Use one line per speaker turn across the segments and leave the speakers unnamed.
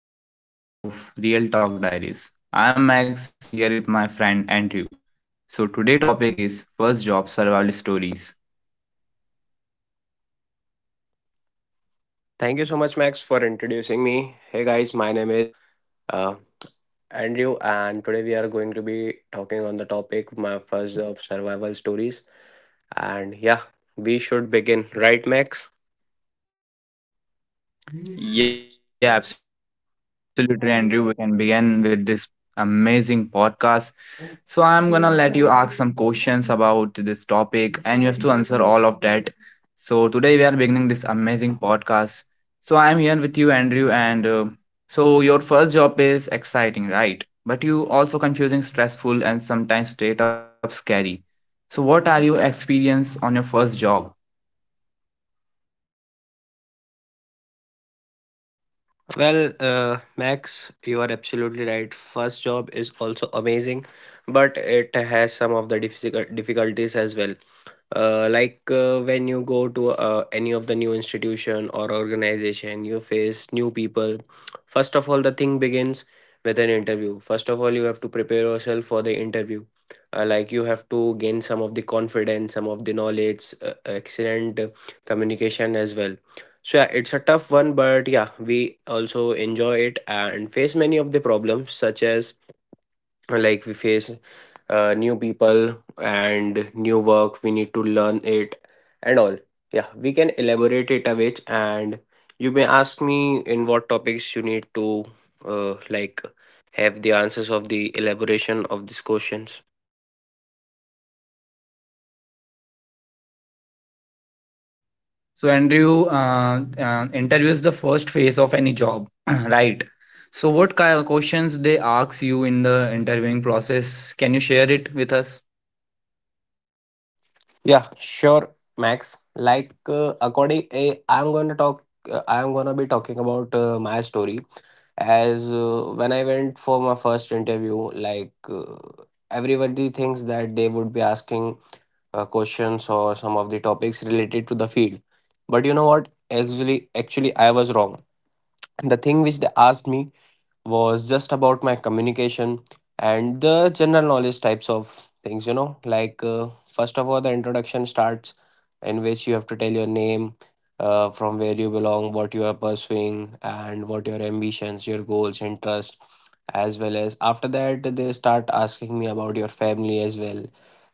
Hello everyone. Welcome back to the another episode of Real Talk Diaries. I am Max here with my friend Andrew. So today topic is first job survival stories.
Thank you so much, Max, for introducing me. Hey guys, my name is uh, Andrew, and today we are going to be talking on the topic my first job survival stories. And yeah, we should begin, right, Max?
Yeah, absolutely Andrew, we can begin with this amazing podcast. So I'm gonna let you ask some questions about this topic, and you have to answer all of that. So today we are beginning this amazing podcast. So I'm here with you, Andrew, and so your first job is exciting, right? But you also confusing, stressful, and sometimes straight up scary. So what are your experience on your first job?
Well, Max, you are absolutely right. First job is also amazing, but it has some of the difficulties as well. When you go to any of the new institution or organization, you face new people. First of all, the thing begins with an interview. First of all, you have to prepare yourself for the interview. Like you have to gain some of the confidence, some of the knowledge, excellent communication as well. So yeah, it's a tough one, but yeah, we also enjoy it and face many of the problems, such as we face new people and new work. We need to learn it and all. Yeah, we can elaborate it a bit, and you may ask me in what topics you need to uh, like have the answers of the elaboration of these questions.
So, Andrew, interview is the first phase of any job, right? So, what kind of questions they ask you in the interviewing process? Can you share it with us?
Yeah, sure, Max. Like according, I'm gonna talk. I'm gonna be talking about my story as when I went for my first interview. Everybody thinks that they would be asking questions or some of the topics related to the field, but you know what, actually I was wrong. The thing which they asked me was just about my communication and the general knowledge types of things. You know, first of all the introduction starts, in which you have to tell your name, from where you belong, what you are pursuing, and what your ambitions, your goals, interest as well. As after that they start asking me about your family as well,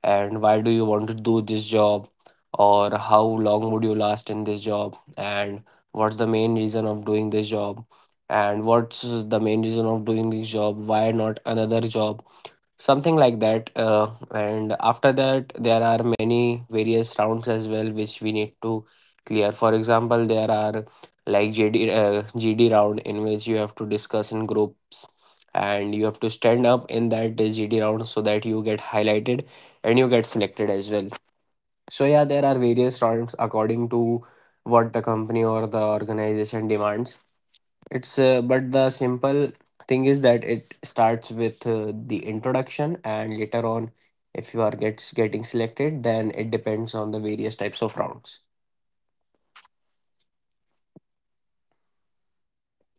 and why do you want to do this job, or how long would you last in this job, and what's the main reason of doing this job, and what's the main reason of doing this job why not another job, something like that. And after that there are many various rounds as well which we need to clear. For example, there are like jd gd round in which you have to discuss in groups, and you have to stand up in that gd round so that you get highlighted and you get selected as well. So yeah, there are various rounds according to what the company or the organization demands. It's But the simple thing is that it starts with the introduction, and later on, if you are gets getting selected, then it depends on the various types of rounds.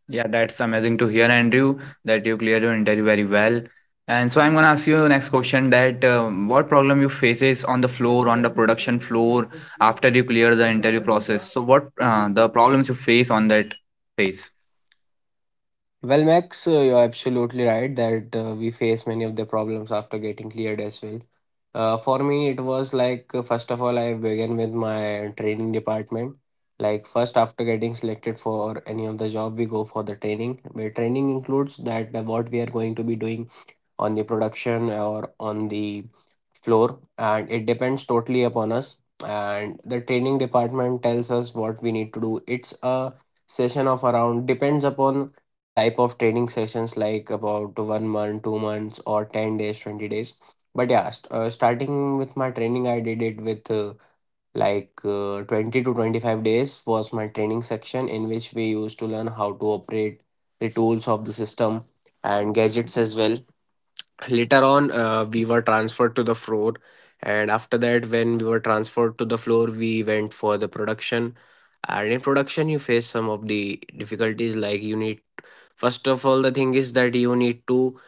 Yeah, that's amazing to hear, Andrew, that you cleared your interview very well. And so I'm gonna ask you next question that what problem you faces on the floor, on the production floor after you clear the interview process. So what the problems you face on that phase?
Well, Max, you're absolutely right that we face many of the problems after getting cleared as well. For me, it was like, first of all, I began with my training department. Like first, after getting selected for any of the job, we go for the training, where training includes that what we are going to be doing on the production or on the floor, and it depends totally upon us. And the training department tells us what we need to do. It's a session of around, depends upon the type of training sessions, like about 1 month, 2 months, or 10 days, 20 days. But yeah, starting with my training, I did it with 20 to 25 days was my training section, in which we used to learn how to operate the tools of the system and gadgets as well. Later on, we were transferred to the floor, and after that when we were transferred to the floor, we went for the production. And in production you face some of the difficulties. Like you need, first of all the thing is that you need to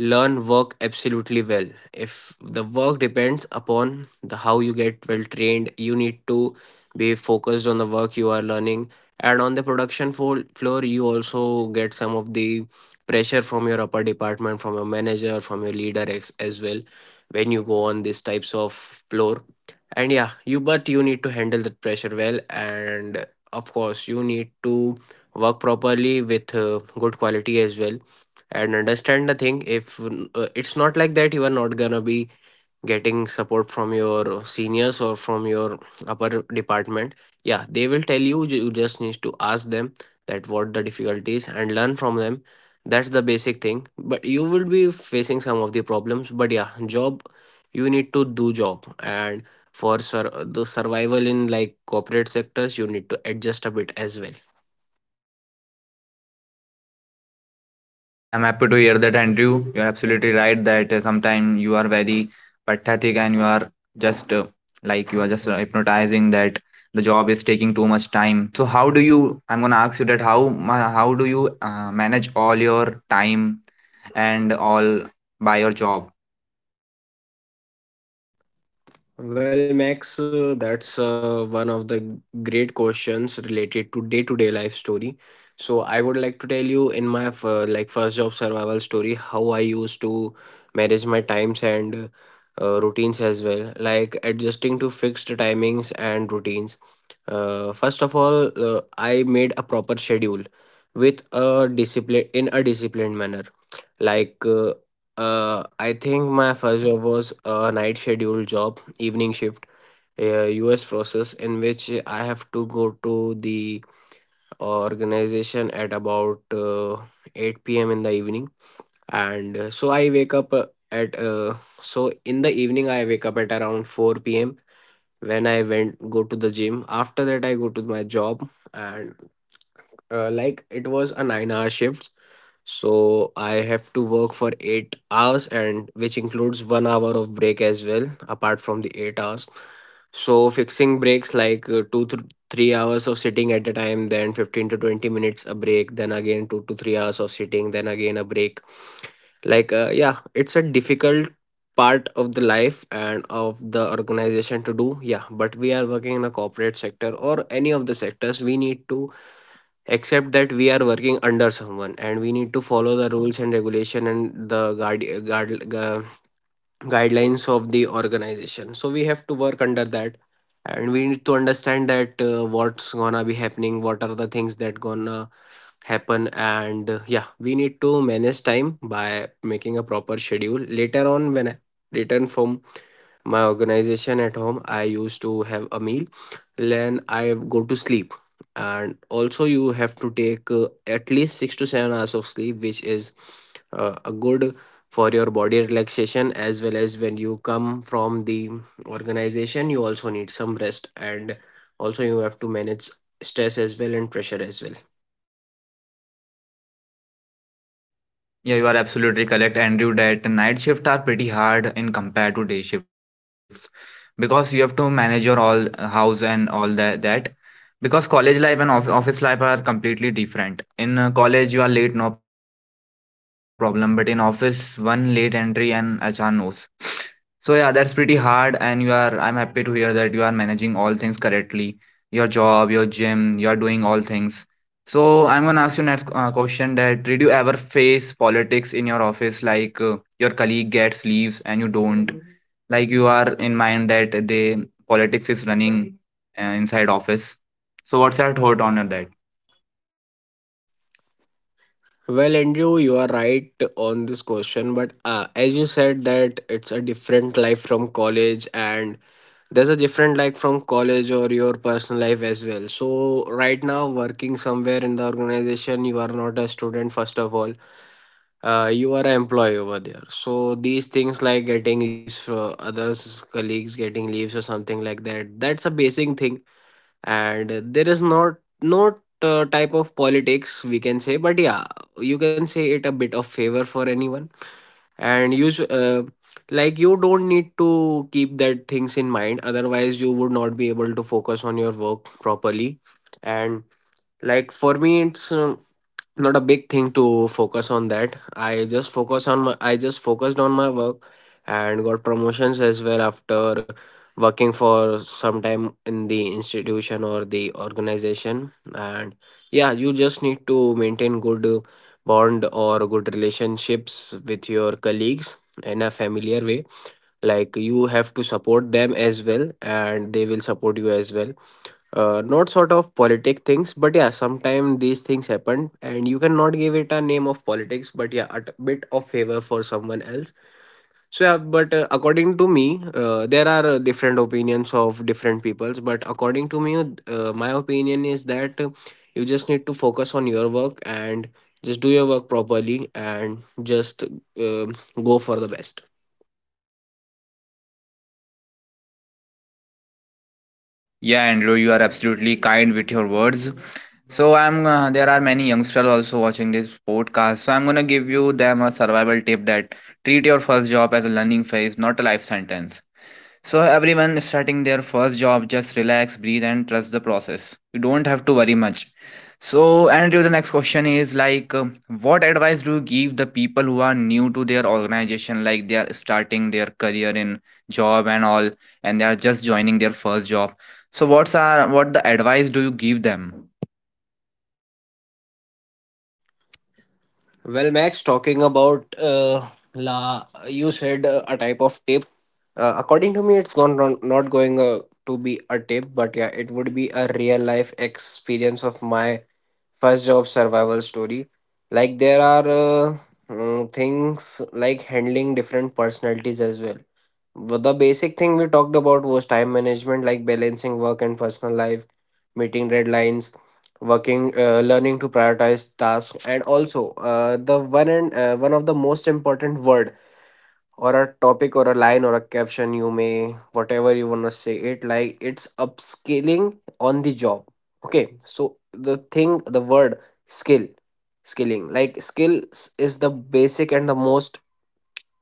learn work absolutely well. If the work depends upon the how you get well trained, you need to be focused on the work you are learning. And on the production floor you also get some of the pressure from your upper department, from your manager, from your leader as well, when you go on these types of floor. And yeah, you but you need to handle that pressure well, and of course you need to work properly with good quality as well. And understand the thing, if it's not like that you are not gonna be getting support from your seniors or from your upper department. Yeah, they will tell you, you just need to ask them that what the difficulty is and learn from them. That's the basic thing. But you will be facing some of the problems, but yeah, job, you need to do job. And for the survival in like corporate sectors, you need to adjust a bit as well.
Yeah, I'm happy to hear that, Andrew. You're absolutely right that sometimes you are very pathetic and you are just like you are just hypnotizing that the taking too much time. So how do you? I'm gonna ask you that how do you manage all your time and all by your job?
Well, Max, that's one of the great questions related to day-to-day life story. So I would like to tell you in my first job survival story how I used to manage my times and routines as well, like adjusting to fixed timings and routines. First of all, I made a proper schedule with a disciplined manner. like, uh, I think my first job was a night schedule job, evening shift, a US process in which I have to go to the organization at about 8 p.m. in the evening. And so I wake up at, uh, so in the evening, I wake up at around 4 p.m. when I went go to the gym. After that, I go to my job. And like it was a 9 hour shift, so I have to work for 8 hours, and which includes 1 hour of break as well apart from the 8 hours. So fixing breaks like, 2 to 3 hours of sitting at a time, then 15 to 20 minutes a break, then again 2 to 3 hours of sitting, then again a break. Yeah, it's a difficult part of the life and of the organization to do. Yeah, but we are working in a corporate sector or any of the sectors, we need to except that we are working under someone, and we need to follow the rules and regulation and the guidelines of the organization. So we have to work under that, and we need to understand that what's gonna be happening, what are the things that gonna happen. And yeah, we need to manage time by making a proper schedule. Later on when I return from my organization at home, I used to have a meal, then I go to sleep. And also you have to take at least 6 to 7 hours of sleep, which is a good for your body relaxation, as well as when you come from the organization you also need some rest. And also you have to manage stress as well and pressure as well.
Yeah, you are absolutely correct, Andrew, that night shifts are pretty hard in compared to day shifts because you have to manage your all house and all that because college life and of office life are completely different. In college you are late, no problem, but in office one late entry and HR knows. So yeah, that's pretty hard and you are I'm happy to hear that you are managing all things correctly. Your job, your gym, you are doing all things, so I'm gonna ask you next question that did you ever face politics in your office like your colleague gets leaves and you don't, like you are in mind that they politics is inside office. So what's your thought on that?
Well, Andrew, you are right on this question, but as you said that it's a different life from college, and there's a different life from college or your personal life as well. So right now working somewhere in the organization, you are not a student first of all. You are an employee over there. So these things like getting leaves for others, colleagues getting leaves or something like that, that's a basic thing. And there is not no type of politics, we can say. But yeah, you can say it a bit of favor for anyone. And use like You don't need to keep that things in mind, otherwise you would not be able to focus on your work properly. And like for me, it's not a big thing to focus on that. I just focus on my I just focused on my work, and got promotions as well after working for some time in the institution or the organization. And yeah, you just need to maintain good bond or good relationships with your colleagues in a familiar way. Like you have to support them as well and they will support you as well. Not sort of politic things, but yeah, sometimes these things happen, and you cannot give it a name of politics, but yeah, a bit of favor for someone else. So yeah, but according to me, there are different opinions of different peoples, but according to me, my opinion is that you just need to focus on your work, and just do your work properly, and just go for the best.
Yeah, Andrew, you are absolutely kind with your words. So I'm there are many youngsters also watching this podcast. So I'm gonna give you them a survival tip: treat your first job as a learning phase, not a life sentence. So everyone starting their first job, just relax, breathe, and trust the process. You don't have to worry much. So, Andrew, the next question is like, what advice do you give the people who are new to their organization, like they are starting their career in job and all, and they are just joining their first job? So, what's are what the advice do you give them?
Well, Max, talking about you said a type of tape. According to me, it's gone wrong, not going to be a tape, but yeah, it would be a real life experience of my first job survival story. Like there are things like handling different personalities as well. Well, the basic thing we talked about was time management, like balancing work and personal life, meeting deadlines, working, learning to prioritize tasks, and also the one and one of the most important word or a topic or a line or a caption you may whatever you wanna say it like it's upskilling on the job. Okay, so the word skill, skilling like skills is the basic and the most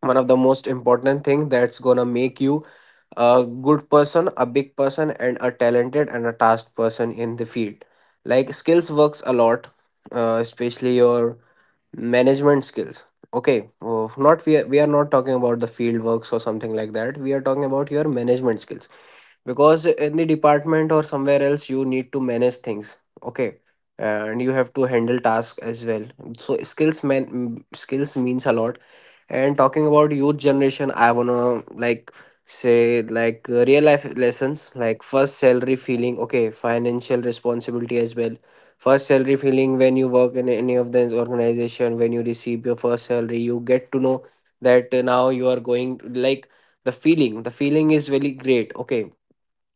one of the most important thing that's gonna make you a good person, a big person, and a talented and a tasked person in the field. Like skills works a lot, especially your management skills. Okay, oh, not we are not talking about the field works or something like that. We are talking about your management skills because in the department or somewhere else you need to manage things. Okay, and you have to handle tasks as well. So skills means a lot, and talking about youth generation, I wanna like say like real life lessons like first salary feeling, okay, financial responsibility as well. First salary feeling, when you work in any of the organization, when you receive your first salary, you get to know that now you are going like the feeling is really great, okay.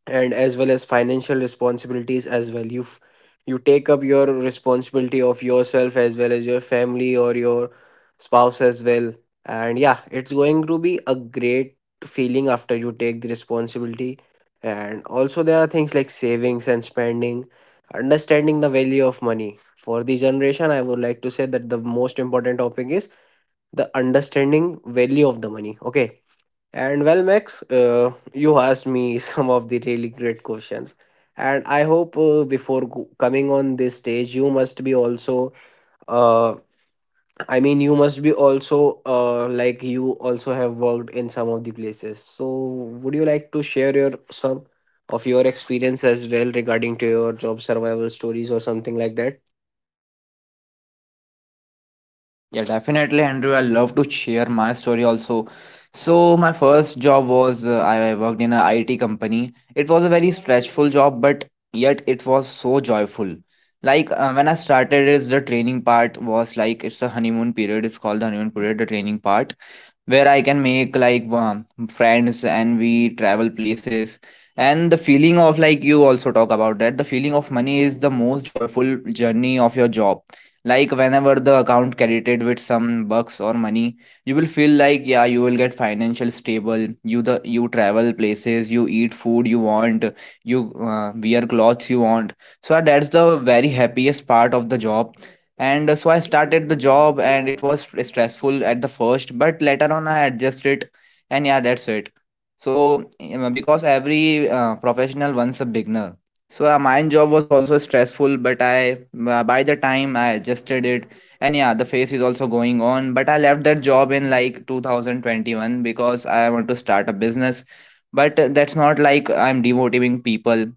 And as well as financial responsibilities as well, you you take up your responsibility of yourself as well as your family or your spouse as well, and yeah, it's going to be a great feeling after you take the responsibility. And also there are things like savings and spending, understanding the value of money. For the generation, I would like to say that the most important topic is the understanding value of the money, okay. And well, Max, you asked me some of the really great questions, and I hope before coming on this stage, you must be also uh, you must be also like you also have worked in some of the places, so would you like to share your some of your experience as well regarding to your job survival stories or something like that?
Yeah, definitely, Andrew. I love to share my story also. So, my first job was I worked in a IT company. It was a very stressful job, but yet it was so joyful. Like when I started, is the training part was like it's a honeymoon period. It's called the honeymoon period, the training part, where I can make like friends and we travel places. And the feeling of like you also talk about that. The feeling of money is the most joyful journey of your job, like whenever the account credited with some bucks or money, you will feel like yeah, you will get financial stable. You the you travel places, you eat food you want, you wear clothes you want. So ah, that's the very happiest part of the job. And so I started the job, and it was stressful at the first, but later on I adjusted, and yeah, that's it. So, because every professional wants a beginner. So my job was also stressful, but I by the time I adjusted it, and yeah, the phase is also going on. But I left that job in like 2021 because I want to start a business. But that's not like I'm demotivating people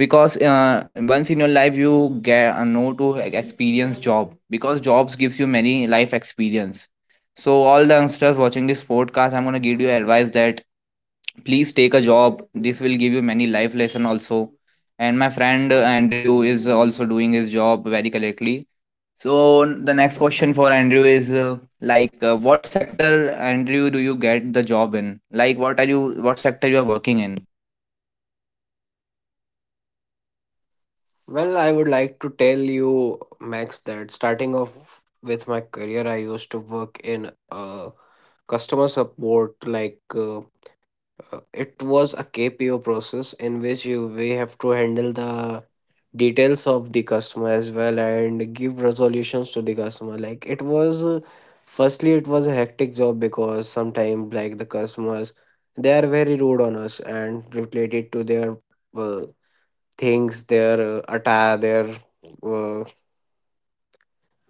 because once in your life you get know to experience job because jobs gives you many life experience. So all the youngsters watching this podcast, I'm gonna give you advice that please take a job, this will give you many life lesson also. And my friend Andrew is also doing his job very correctly, so the next question for Andrew is what sector Andrew do you get the job in, like what are you what sector you are working in?
Well, I would like to tell you, Max, that starting off with my career, I used to work in customer support. It was a KPO process in which you we have to handle the details of the customer as well and give resolutions to the customer. Like it was, firstly, it was a hectic job because sometimes like the customers, they are very rude on us and related to their uh, things, their attire, their uh,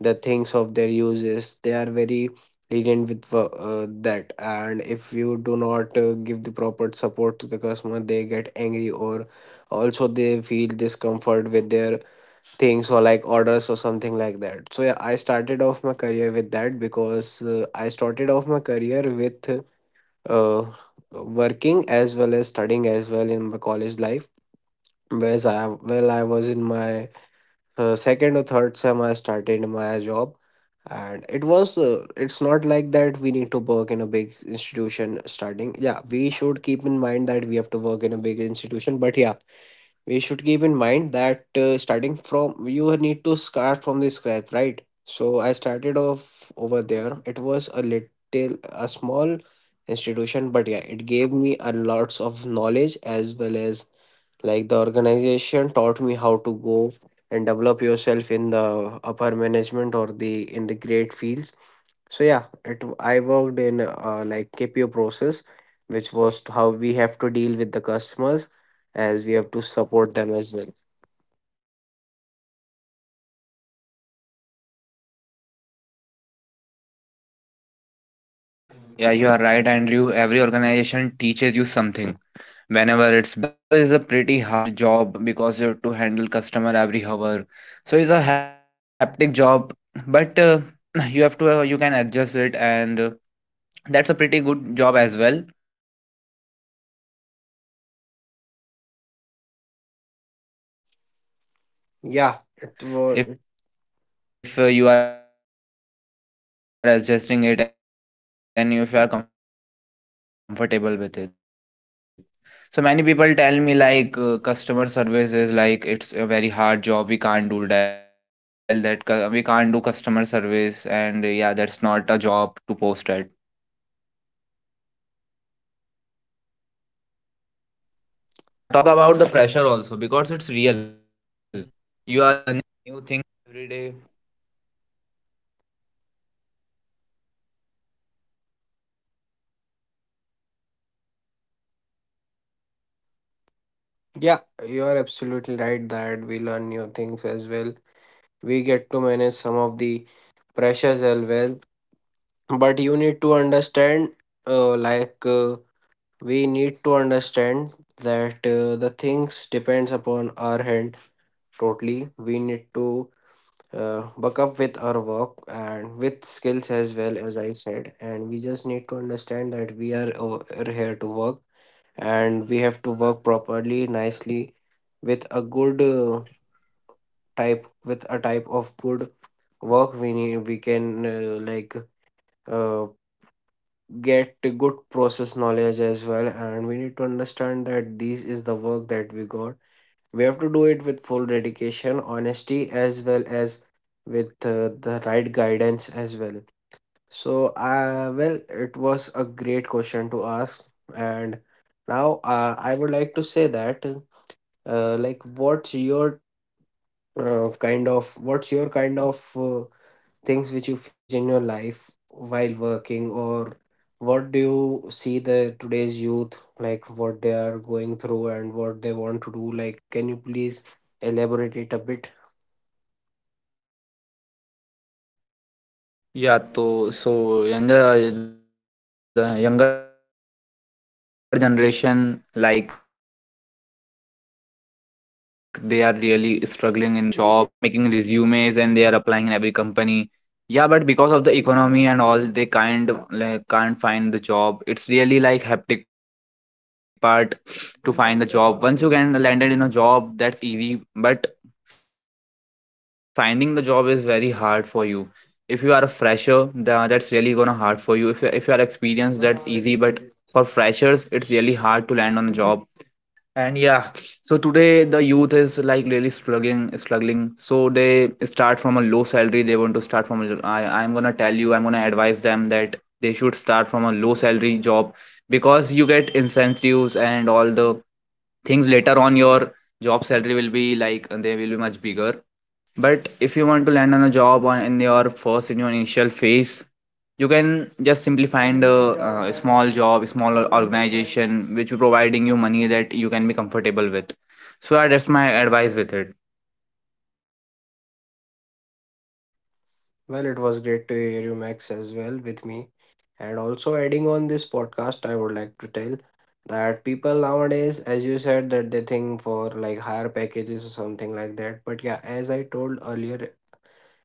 the things of their uses. They are very lenient with that, and if you do not give the proper support to the customer, they get angry, or also they feel discomfort with their things or like orders or something like that. So yeah, I started off my career with that because I started off my career with. Uh, Working as well as studying as well in my college life, whereas I was in my second or third sem, I started my job, and it was it's not like that we need to work in a big institution starting. Yeah, we should keep in mind that we have to work in a big institution, but yeah, we should keep in mind that starting from, you need to start from the scrap, right? So I started off over there. It was a little a small institution, but yeah, it gave me a lots of knowledge as well as like the organization taught me how to go and develop yourself in the upper management or the in the great fields. So yeah, it I worked in like KPO process, which was to how we have to deal with the customers as we have to support them as well.
Yeah, you are right Andrew, every organization teaches you something, whenever it's bigger or smaller hard job, because you have to handle customer every hour. So it's a haptic job, but you have to you can adjust it, and that's a pretty good job as well if you are adjusting it and if you are comfortable with it. So many people tell me like customer service is like
Yeah,
it's a
it
very hard
was.
job. We can't do that. So what are your thought on that? People who tell that we can't do customer service and yeah, that's not a job to post at. and uh, let's and let's talk about the pressure also because it's real. You
Yeah, you are absolutely right that we learn new things as well. We get to manage some of the pressures as well. But you need to understand, uh, like uh, we need to understand that the things depends upon our hand totally. We need to buck up with our work and with skills as well, as I said. And we just need to understand that we are over here to work, and we have to work properly, nicely, with a good type with a type of good work. We need, we can uh, get a good process knowledge as well, and we need to understand that this is the work that we got, we have to do it with full dedication, honesty, as well as with the right guidance as well. So well, it was a great question to ask. And now I would like to say that, uh, like what's your what's your kind of things which you faced in your life while working, or what do you see the today's youth like, what they are going through and what they want to do? Like, can you please elaborate it a bit?
Yeah, to so younger the younger generation like they are really struggling in the job phase because many of us tell that we can't find a job. They are making resumes and they are applying in every company. Yeah, but because of the economy and all, they can't find the job. It's really like hectic part to find the job. Once you get landed in a job, that's easy, but finding the job is very hard for you if you are a fresher, that's really gonna hard for you, if if you are experienced that's easy, but for freshers it's really hard to land on a job. And yeah, so today the youth is like really struggling so they start from a low salary, they want to start from a I'm gonna tell you, I'm gonna advise them that they should start from a low salary job because you get incentives and all the things. Later on your job salary will be like they will be much bigger. But if you want to land on a job on in your first in your initial phase, you can just simply find a, small job, a small organization which will providing you money that you can be comfortable with. So yeah, that's my advice with it.
Well, it was great to hear you, Max, as well with me. And also, adding on this podcast, I would like to tell that people nowadays, as you said, that they think for like higher packages or something like that. But yeah, as I told earlier,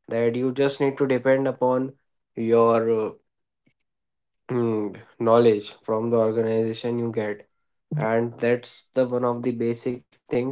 that you just need to depend upon your knowledge from the organization you get, and that's the one of the basic things